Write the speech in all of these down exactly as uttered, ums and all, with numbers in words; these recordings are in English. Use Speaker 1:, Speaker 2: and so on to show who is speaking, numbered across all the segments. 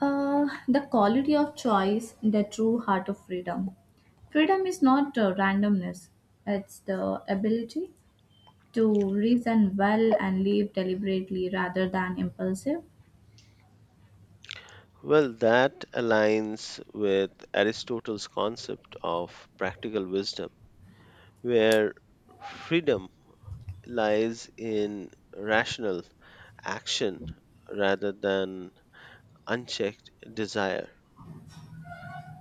Speaker 1: Uh, the quality of choice, the true heart of freedom. Freedom is not uh, randomness, it's the ability to reason well and live deliberately rather than impulsive.
Speaker 2: Well, that aligns with Aristotle's concept of practical wisdom, where freedom lies in rational action rather than unchecked desire.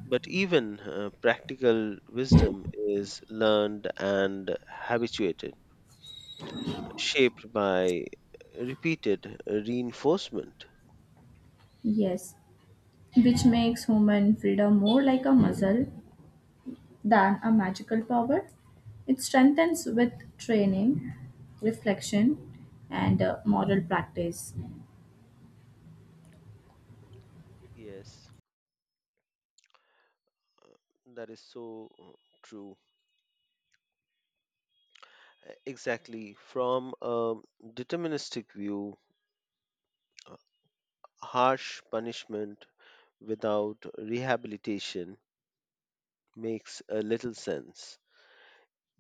Speaker 2: But even uh, practical wisdom is learned and habituated, shaped by repeated reinforcement.
Speaker 1: Yes, which makes human freedom more like a muscle than a magical power. It strengthens with training, reflection, and uh, moral practice.
Speaker 2: Yes, that is so uh, true. E-, Exactly. From a deterministic view, harsh punishment without rehabilitation makes a little sense.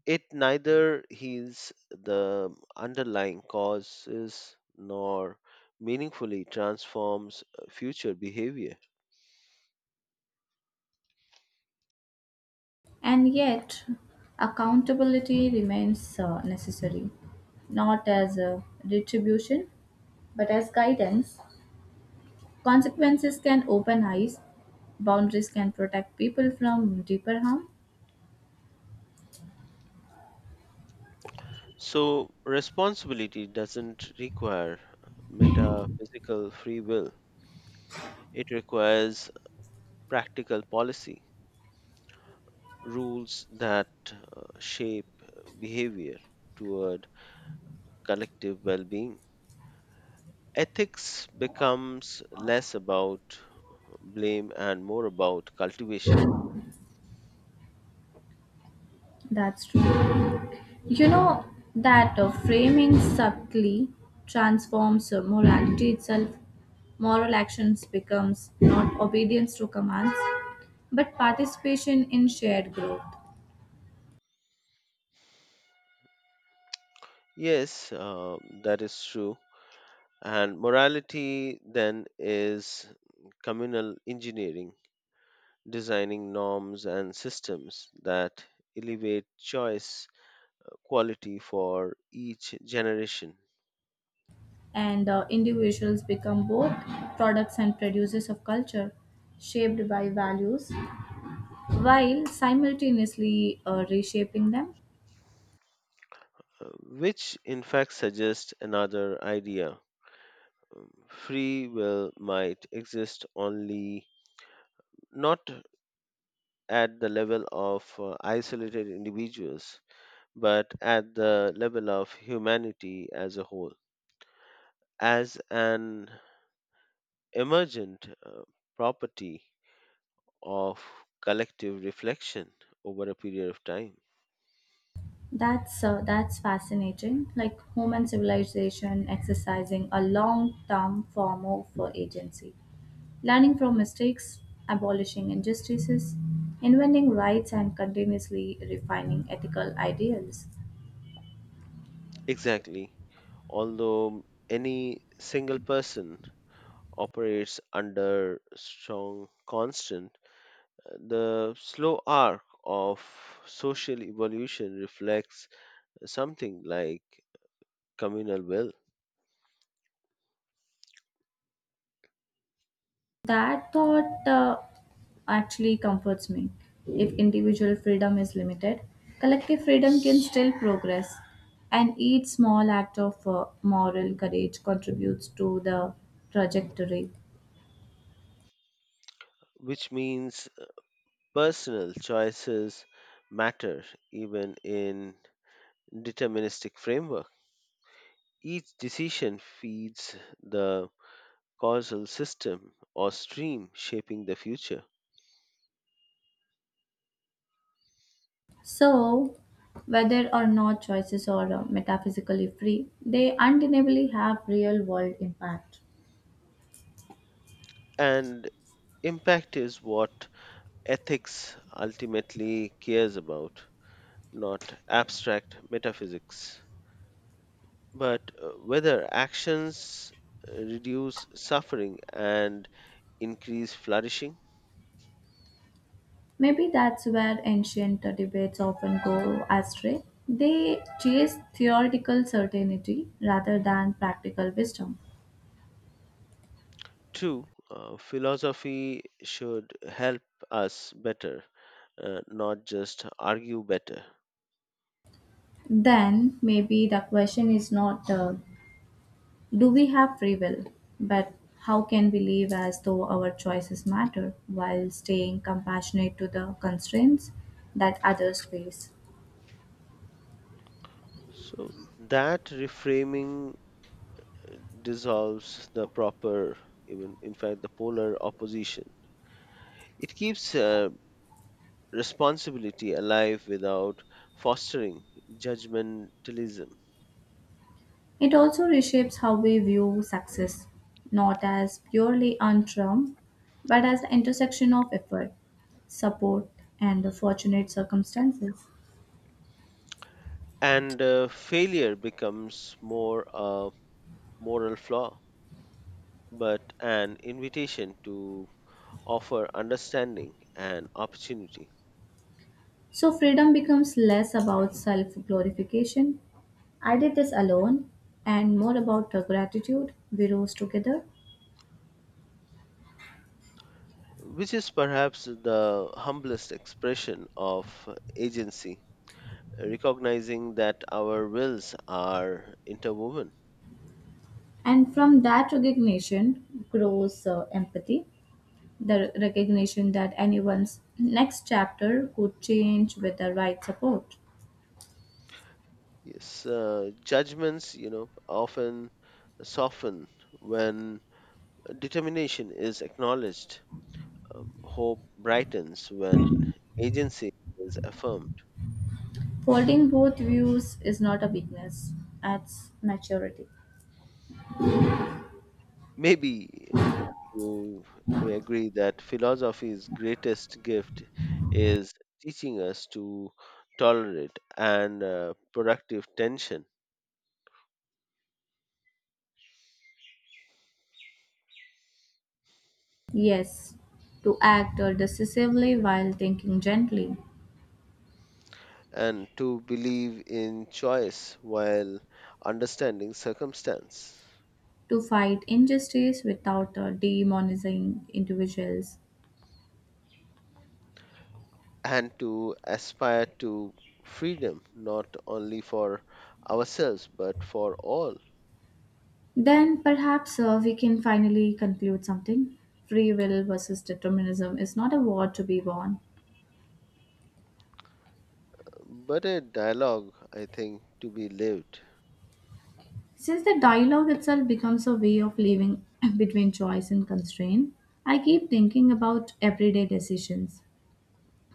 Speaker 2: It neither heals the underlying causes nor meaningfully transforms uh, future behavior.
Speaker 1: And yet, accountability remains uh, necessary, not as a retribution, but as guidance. Consequences can open eyes, boundaries can protect people from deeper harm.
Speaker 2: So, responsibility doesn't require metaphysical free will, it requires practical policy. Rules that uh, shape uh, behavior toward collective well-being. Ethics becomes less about blame and more about cultivation.
Speaker 1: That's true. You know that uh, framing subtly transforms uh, morality itself. Moral actions becomes not obedience to commands, but participation in shared growth.
Speaker 2: Yes, uh, that is true. And morality then is communal engineering, designing norms and systems that elevate choice uh, quality for each generation,
Speaker 1: And uh, individuals become both products and producers of culture shaped by values while simultaneously uh, reshaping them
Speaker 2: uh, which in fact suggests another idea: free will might exist only not at the level of uh, isolated individuals, but at the level of humanity as a whole. As an emergent uh, property of collective reflection over a period of time.
Speaker 1: that's uh, that's fascinating like human civilization exercising a long term form of uh, agency, learning from mistakes, abolishing injustices, inventing rights and continuously refining ethical ideals.
Speaker 2: Exactly. Although any single person operates under strong, constant. The slow arc of social evolution reflects something like communal will,
Speaker 1: That thought uh, actually comforts me. If individual freedom is limited, collective freedom can still progress. And each small act of uh, moral courage contributes to the trajectory.
Speaker 2: which means personal choices matter even in deterministic framework. Each decision feeds the causal system or stream shaping the future.
Speaker 1: So, whether or not choices are uh, metaphysically free, they undeniably have real world impact.
Speaker 2: And impact is what ethics ultimately cares about, not abstract metaphysics. But uh, whether actions uh, reduce suffering and increase flourishing?
Speaker 1: Maybe that's where ancient debates often go astray. They chase theoretical certainty rather than practical wisdom.
Speaker 2: True, uh, philosophy should help us better, uh, not just argue better.
Speaker 1: Then maybe the question is not uh, do we have free will, but how can we live as though our choices matter while staying compassionate to the constraints that others face?
Speaker 2: So that reframing dissolves the proper, even in fact, the polar opposition. It keeps uh, responsibility alive without fostering judgmentalism.
Speaker 1: It also reshapes how we view success, not as purely on term, but as the intersection of effort, support, and fortunate circumstances.
Speaker 2: And uh, failure becomes more a moral flaw but an invitation to offer understanding and opportunity,
Speaker 1: So freedom becomes less about self glorification. I did this alone, and more about the gratitude we rose together.
Speaker 2: which is perhaps the humblest expression of agency, recognizing that our wills are interwoven.
Speaker 1: And from that recognition grows uh, empathy, the recognition that anyone's next chapter could change with the right support.
Speaker 2: Yes, uh, judgments you know often soften when determination is acknowledged. Um, hope brightens when agency is affirmed.
Speaker 1: Holding both views is not a weakness, it's maturity.
Speaker 2: Maybe um, you may agree that philosophy's greatest gift is teaching us to tolerate and uh, productive tension,
Speaker 1: Yes, to act uh, decisively while thinking gently,
Speaker 2: and to believe in choice while understanding circumstance,
Speaker 1: to fight injustice without uh, demonizing individuals.
Speaker 2: and to aspire to freedom not only for ourselves but for all,
Speaker 1: Then perhaps uh, we can finally conclude something. Free will versus determinism is not a war to be won.
Speaker 2: but a dialogue, I think, to be lived.
Speaker 1: Since the dialogue itself becomes a way of living between choice and constraint, I keep thinking about everyday decisions,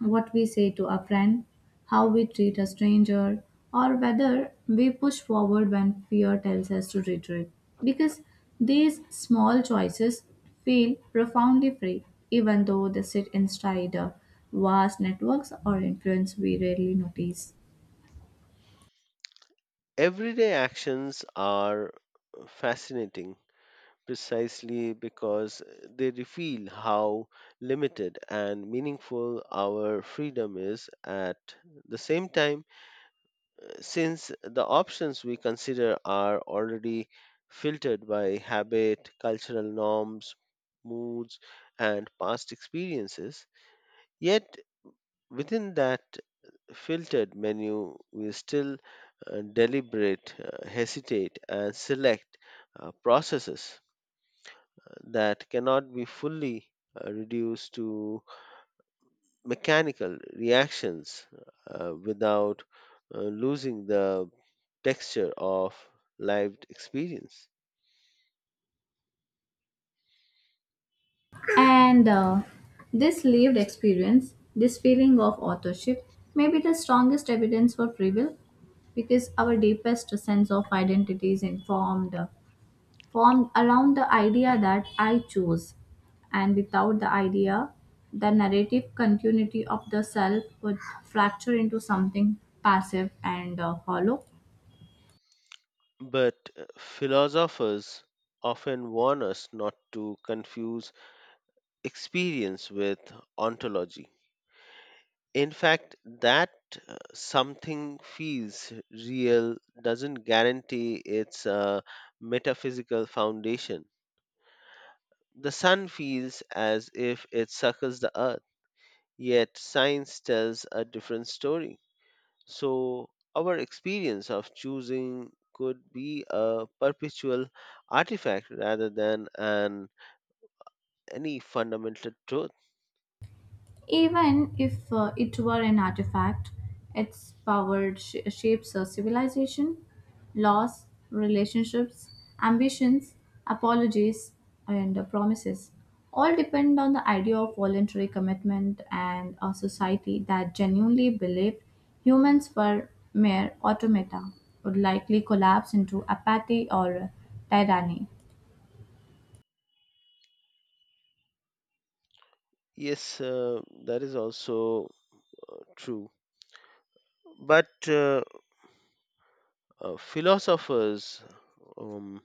Speaker 1: what we say to a friend, how we treat a stranger, or whether we push forward when fear tells us to retreat. Because these small choices feel profoundly free, even though they sit inside uh, vast networks or influence we rarely notice.
Speaker 2: Everyday actions are fascinating precisely because they reveal how limited and meaningful our freedom is at the same time, since the options we consider are already filtered by habit, cultural norms, moods, and past experiences. Yet, within that filtered menu, we still uh, deliberate, uh, hesitate, and select uh, processes uh, that cannot be fully uh, reduced to mechanical reactions uh, without uh, losing the texture of lived experience.
Speaker 1: And uh, this lived experience, this feeling of authorship, may be the strongest evidence for free will because our deepest sense of identity is informed formed around the idea that I chose. And without the idea, the narrative continuity of the self would fracture into something passive and uh, hollow.
Speaker 2: But uh, philosophers often warn us not to confuse experience with ontology. In fact, that uh, something feels real doesn't guarantee its uh, metaphysical foundation. The sun feels as if it circles the earth, yet science tells a different story. So, our experience of choosing could be a perpetual artifact rather than an any fundamental truth.
Speaker 1: Even if uh, it were an artifact, its power sh- shapes a civilization, laws, relationships, ambitions, apologies, and uh, promises. All depend on the idea of voluntary commitment, and a society that genuinely believed humans were mere automata would likely collapse into apathy or tyranny.
Speaker 2: Yes, uh, that is also true. But uh, Uh, philosophers um,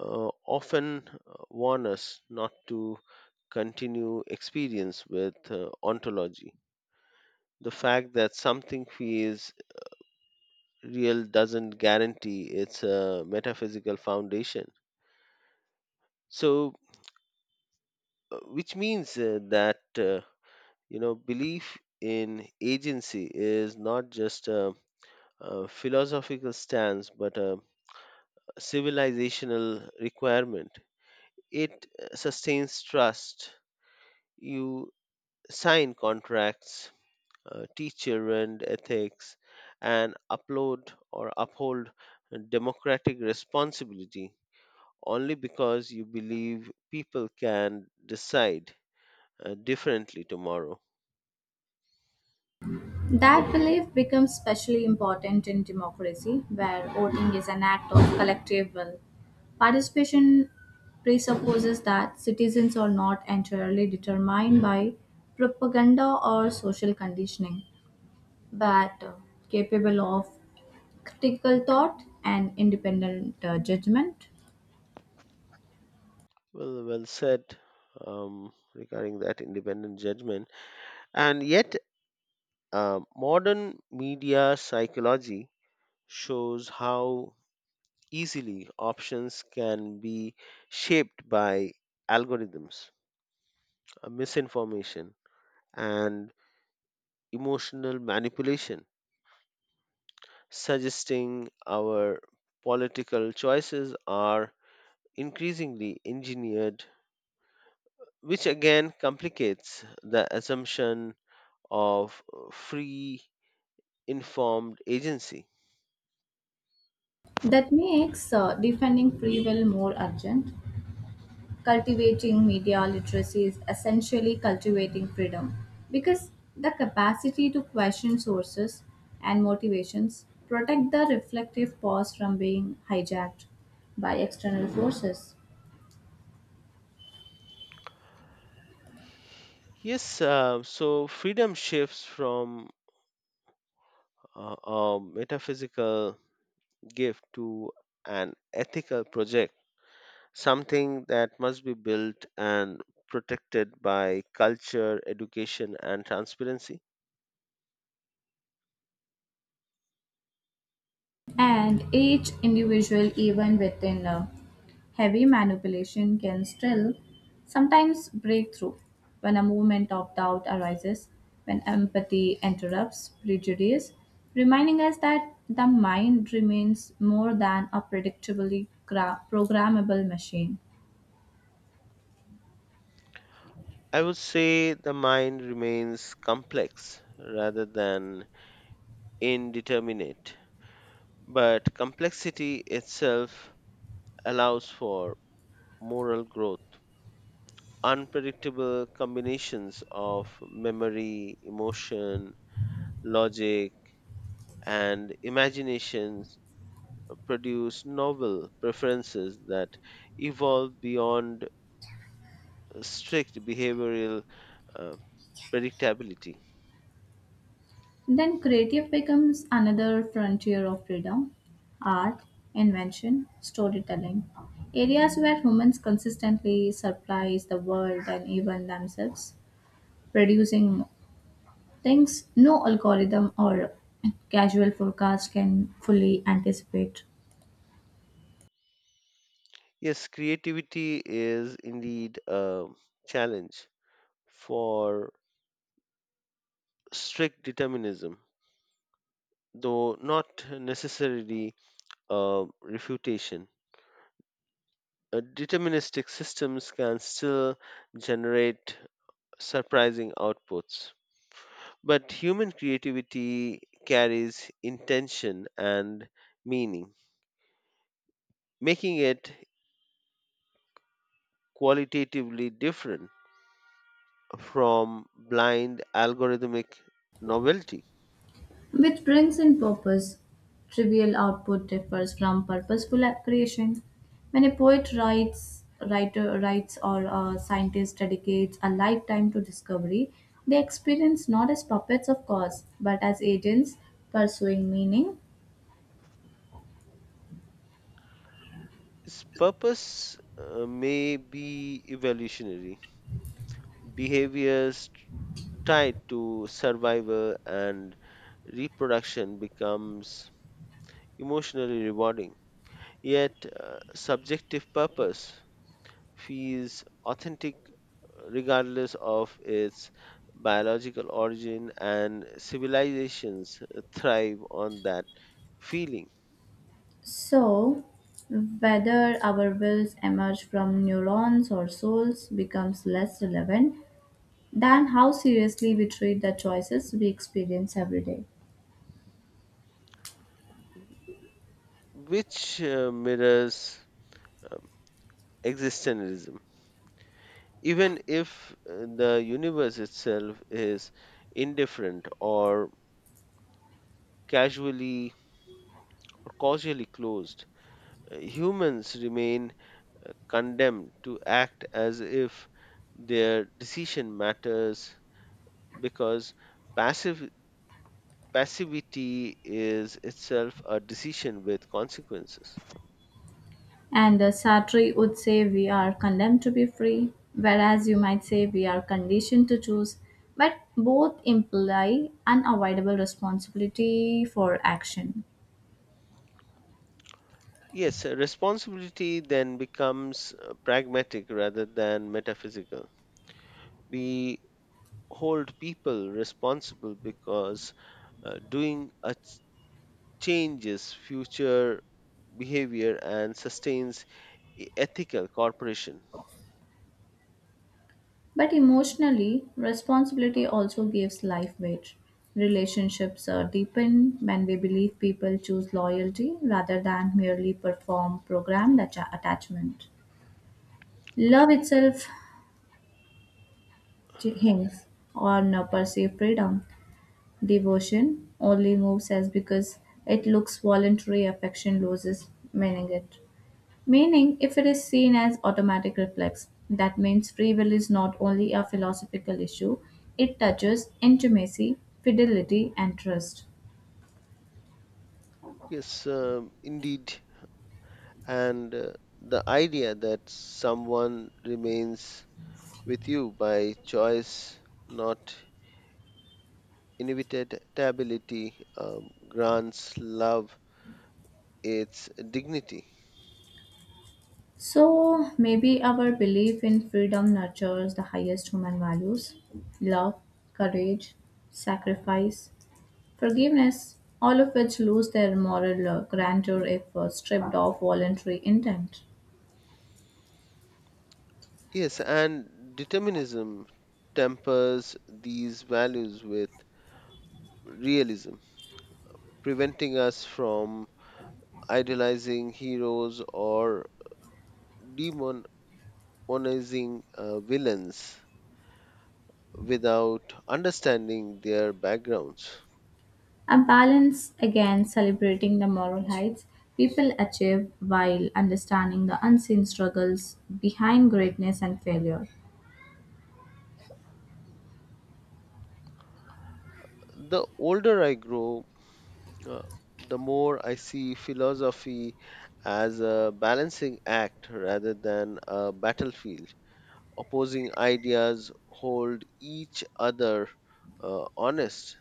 Speaker 2: uh, often uh, warn us not to continue experience with uh, ontology. The fact that something feels real doesn't guarantee its uh, metaphysical foundation. So, uh, which means uh, that uh, you know belief in agency is not just a, a philosophical stance but a civilizational requirement. It uh, sustains trust. You sign contracts, uh, teach children ethics, and upload or uphold democratic responsibility only because you believe people can decide uh, differently tomorrow.
Speaker 1: That belief becomes especially important in democracy, where voting is an act of collective will. Participation presupposes that citizens are not entirely determined by propaganda or social conditioning, but uh, capable of critical thought and independent uh, judgment.
Speaker 2: Well, well said um, regarding that independent judgment. And yet, uh, modern media psychology shows how easily options can be shaped by algorithms, uh, misinformation, and emotional manipulation, suggesting our political choices are increasingly engineered, which again complicates the assumption of uh, free, informed agency.
Speaker 1: That makes uh, defending free will more urgent. Cultivating media literacy is essentially cultivating freedom because the capacity to question sources and motivations protect the reflective pause from being hijacked by external forces.
Speaker 2: Yes, uh, so freedom shifts from uh, a metaphysical gift to an ethical project, something that must be built and protected by culture, education, and transparency.
Speaker 1: And each individual, even within a heavy manipulation, can still sometimes break through when a moment of doubt arises, when empathy interrupts prejudice, reminding us that the mind remains more than a predictably gra- programmable machine.
Speaker 2: I would say the mind remains complex rather than indeterminate, but complexity itself allows for moral growth. Unpredictable combinations of memory, emotion, logic, and imaginations produce novel preferences that evolve beyond strict behavioral uh, predictability.
Speaker 1: Then creative becomes another frontier of freedom: art, invention, storytelling. Areas where humans consistently surprise the world and even themselves, producing things no algorithm or casual forecast can fully anticipate.
Speaker 2: Yes, creativity is indeed a challenge for strict determinism, though not necessarily a refutation. Uh, Deterministic systems can still generate surprising outputs, but human creativity carries intention and meaning, making it qualitatively different from blind algorithmic novelty.
Speaker 1: Which brings in purpose. Trivial output differs from purposeful creation. When a poet writes, writer writes, or a scientist dedicates a lifetime to discovery, they experience not as puppets of cause, but as agents pursuing meaning.
Speaker 2: Its purpose uh, may be evolutionary. Behaviors tied to survival and reproduction becomes emotionally rewarding. Yet, uh, subjective purpose feels authentic regardless of its biological origin, and civilizations thrive on that feeling,
Speaker 1: So, whether our wills emerge from neurons or souls becomes less relevant than how seriously we treat the choices we experience every day.
Speaker 2: which uh, mirrors existentialism. Even if uh, the universe itself is indifferent or casually or causally closed, uh, humans remain uh, condemned to act as if their decision matters because passive passivity is itself a decision with consequences.
Speaker 1: And uh, Sartre would say we are condemned to be free, whereas you might say we are conditioned to choose, but both imply unavoidable responsibility for action.
Speaker 2: Yes, uh, responsibility then becomes uh, pragmatic rather than metaphysical. We hold people responsible because uh, doing a ch- changes future behavior and sustains e- ethical corporation.
Speaker 1: But emotionally, responsibility also gives life weight. Relationships uh, deepen when we believe people choose loyalty rather than merely perform programmed atta- attachment. Love itself hinges on uh, perceived freedom. Devotion only moves us because it looks voluntary, affection loses meaning it. Meaning, if it is seen as automatic reflex, that means free will is not only a philosophical issue, it touches intimacy, fidelity, and trust.
Speaker 2: Yes, um, indeed, and uh, the idea that someone remains with you by choice, not inevitability, um, grants love its dignity.
Speaker 1: So, maybe our belief in freedom nurtures the highest human values: love, courage, sacrifice, forgiveness, all of which lose their moral uh, grandeur if uh, stripped of voluntary intent.
Speaker 2: Yes, and determinism tempers these values with realism, preventing us from idealizing heroes or demonizing uh, villains without understanding their backgrounds.
Speaker 1: A balance again, celebrating the moral heights people achieve while understanding the unseen struggles behind greatness and failure,
Speaker 2: The older I grow, uh, the more I see philosophy as a balancing act rather than a battlefield. Opposing ideas hold each other uh, honest,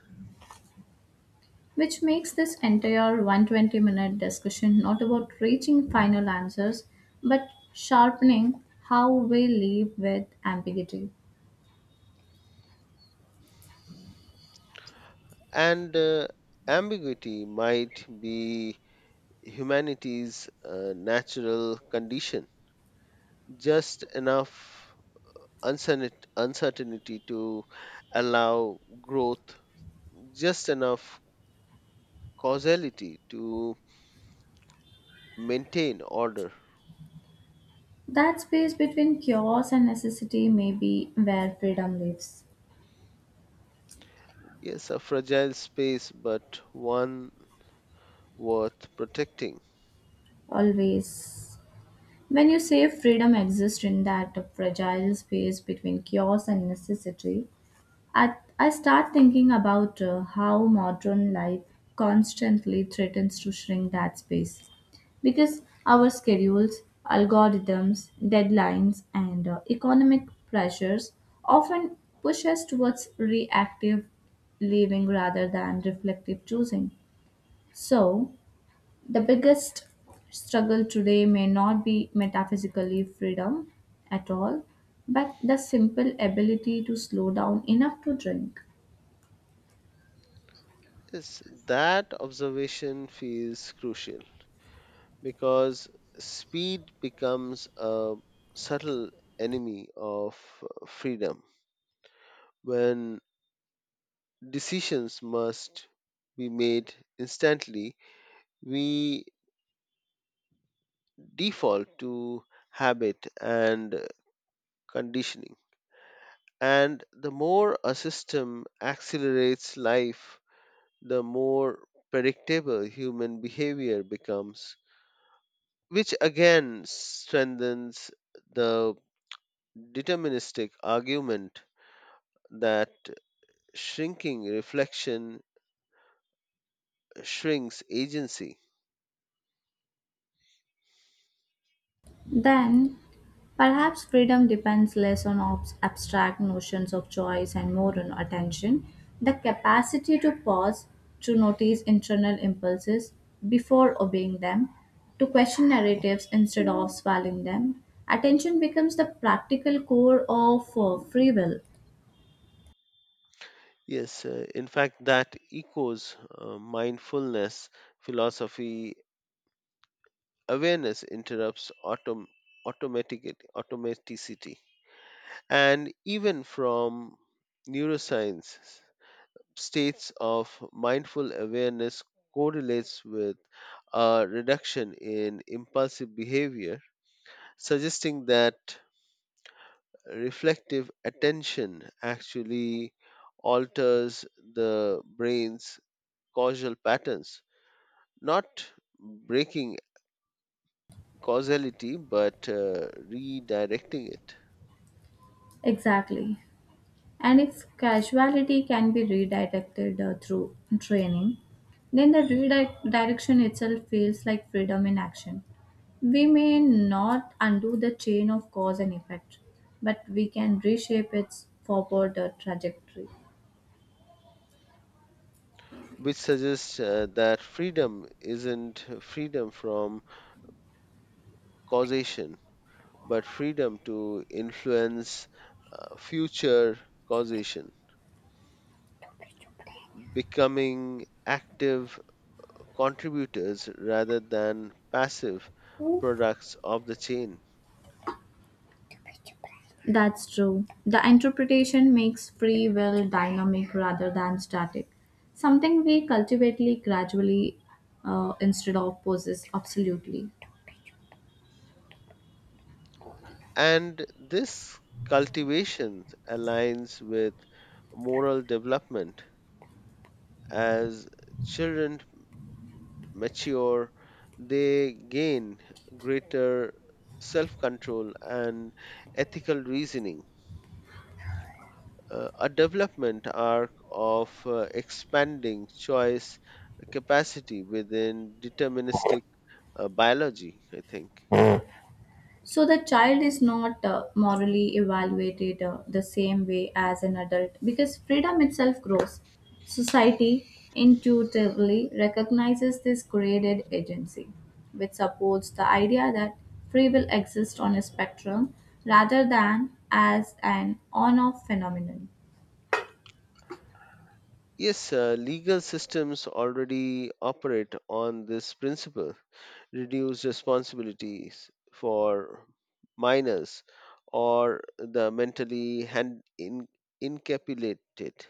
Speaker 1: which makes this entire one hundred twenty minute discussion not about reaching final answers but sharpening how we live with ambiguity.
Speaker 2: and uh, ambiguity might be humanity's uh, natural condition. Just enough uncertain- uncertainty to allow growth, just enough causality to maintain order.
Speaker 1: That space between chaos and necessity may be where freedom lives.
Speaker 2: Yes, a fragile space, but one worth protecting.
Speaker 1: Always. When you say freedom exists in that fragile space between chaos and necessity, I, I start thinking about uh, how modern life constantly threatens to shrink that space. Because our schedules, algorithms, deadlines, and uh, economic pressures often push us towards reactive living rather than reflective choosing. So, the biggest struggle today may not be metaphysically freedom at all, but the simple ability to slow down enough to drink.
Speaker 2: Yes, that observation feels crucial because speed becomes a subtle enemy of uh, freedom. When decisions must be made instantly, we default to habit and conditioning. And the more a system accelerates life, the more predictable human behavior becomes, which again strengthens the deterministic argument that shrinking reflection shrinks agency.
Speaker 1: Then, perhaps freedom depends less on obs- abstract notions of choice and more on attention, the capacity to pause, to notice internal impulses before obeying them, to question narratives instead of swallowing them. Attention becomes the practical core of uh, free will.
Speaker 2: Yes, uh, in fact, that echoes uh, mindfulness philosophy. Awareness interrupts autom- automatic automaticity, and even from neuroscience, states of mindful awareness correlates with a reduction in impulsive behavior, suggesting that reflective attention actually alters the brain's causal patterns, not breaking causality but uh, redirecting it,
Speaker 1: Exactly. And if casuality can be redirected uh, through training, then the redirection itself feels like freedom in action. We may not undo the chain of cause and effect, but we can reshape its forward uh, trajectory.
Speaker 2: which suggests uh, that freedom isn't freedom from causation but freedom to influence uh, future causation, becoming active contributors rather than passive products of the chain.
Speaker 1: That's true. The interpretation makes free will dynamic rather than static, something we cultivate gradually uh, instead of possess absolutely.
Speaker 2: And this cultivation aligns with moral development. As children mature, they gain greater self control and ethical reasoning, uh, a development arc of uh, expanding choice capacity within deterministic uh, biology, I think.
Speaker 1: So the child is not uh, morally evaluated uh, the same way as an adult because freedom itself grows. Society intuitively recognizes this graded agency, which supports the idea that free will exists on a spectrum rather than as an on off phenomenon.
Speaker 2: Yes, uh, legal systems already operate on this principle. Reduce responsibilities for minors or the mentally hand in, incapacitated.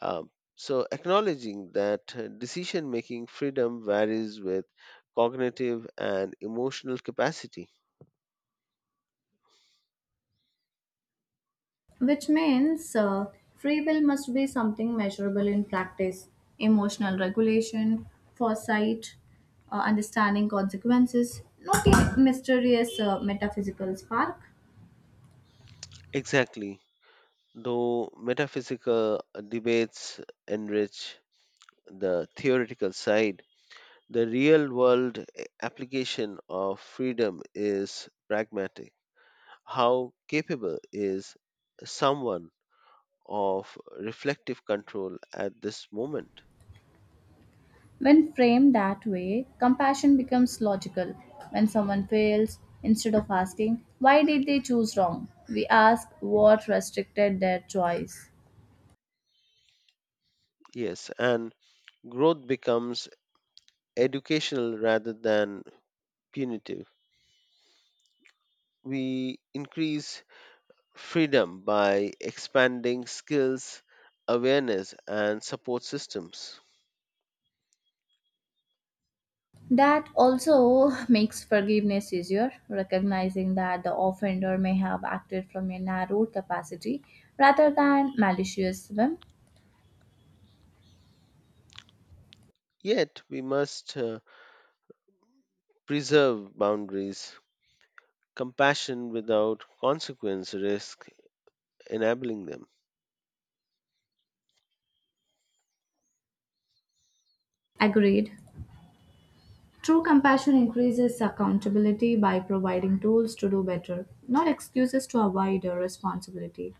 Speaker 2: Um, so, acknowledging that decision making freedom varies with cognitive and emotional capacity.
Speaker 1: Which means uh, free will must be something measurable in practice: emotional regulation, foresight, uh, understanding consequences, not a mysterious uh, metaphysical spark.
Speaker 2: Exactly. Though metaphysical debates enrich the theoretical side, the real world application of freedom is pragmatic. How capable is someone of reflective control at this moment?
Speaker 1: When framed that way, compassion becomes logical. When someone fails, instead of asking, why did they choose wrong, we ask what restricted their choice.
Speaker 2: Yes, and growth becomes educational rather than punitive. We increase freedom by expanding skills, awareness, and support systems.
Speaker 1: That also makes forgiveness easier, recognizing that the offender may have acted from a narrow capacity rather than malicious whim.
Speaker 2: Yet, we must uh, preserve boundaries. Compassion without consequence risk enabling them.
Speaker 1: Agreed. True compassion increases accountability by providing tools to do better, not excuses to avoid a responsibility.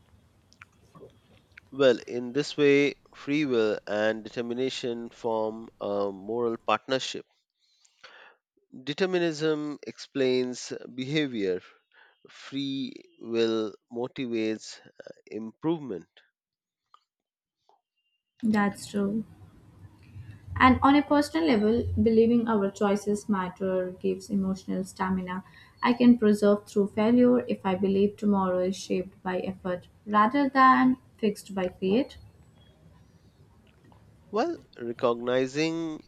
Speaker 2: Well, in this way, free will and determination form a moral partnership. Determinism explains behavior, free will motivates uh, improvement,
Speaker 1: That's true. And on a personal level, believing our choices matter gives emotional stamina. I can persevere through failure if I believe tomorrow is shaped by effort rather than fixed by fate.
Speaker 2: while recognizing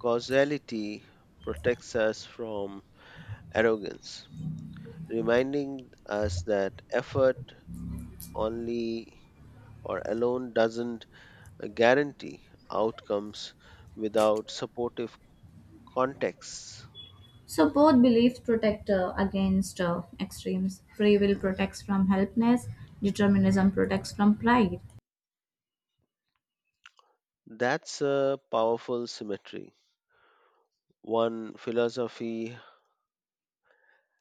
Speaker 2: causality protects us from arrogance, reminding us that effort only or alone doesn't guarantee outcomes without supportive contexts.
Speaker 1: So both beliefs protect uh, against uh, extremes. Free will protects from helplessness, determinism protects from pride.
Speaker 2: That's a powerful symmetry. One philosophy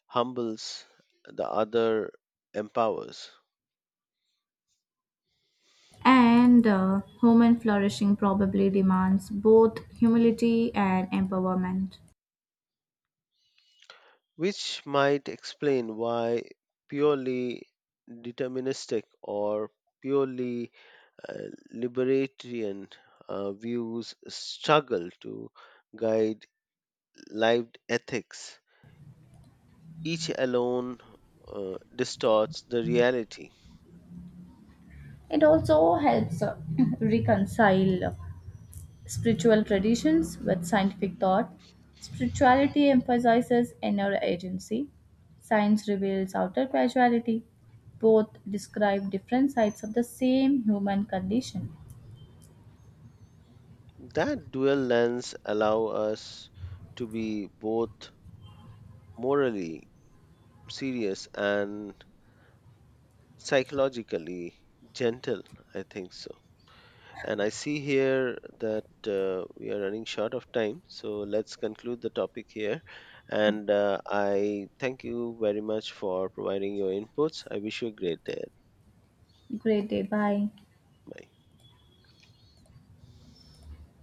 Speaker 2: humbles, the other empowers,
Speaker 1: And uh, human flourishing probably demands both humility and empowerment.
Speaker 2: which might explain why purely deterministic or purely uh, libertarian uh, views struggle to guide lived ethics. Each alone uh, distorts the reality.
Speaker 1: It also helps uh, reconcile spiritual traditions with scientific thought. Spirituality emphasizes inner agency. Science reveals outer causality. Both describe different sides of the same human condition.
Speaker 2: That dual lens allows us to be both morally serious and psychologically gentle. I think so, and I see here that uh, we are running short of time, so let's conclude the topic here, and uh, I thank you very much for providing your inputs. I wish you a great day.
Speaker 1: Great day. Bye.
Speaker 2: Bye.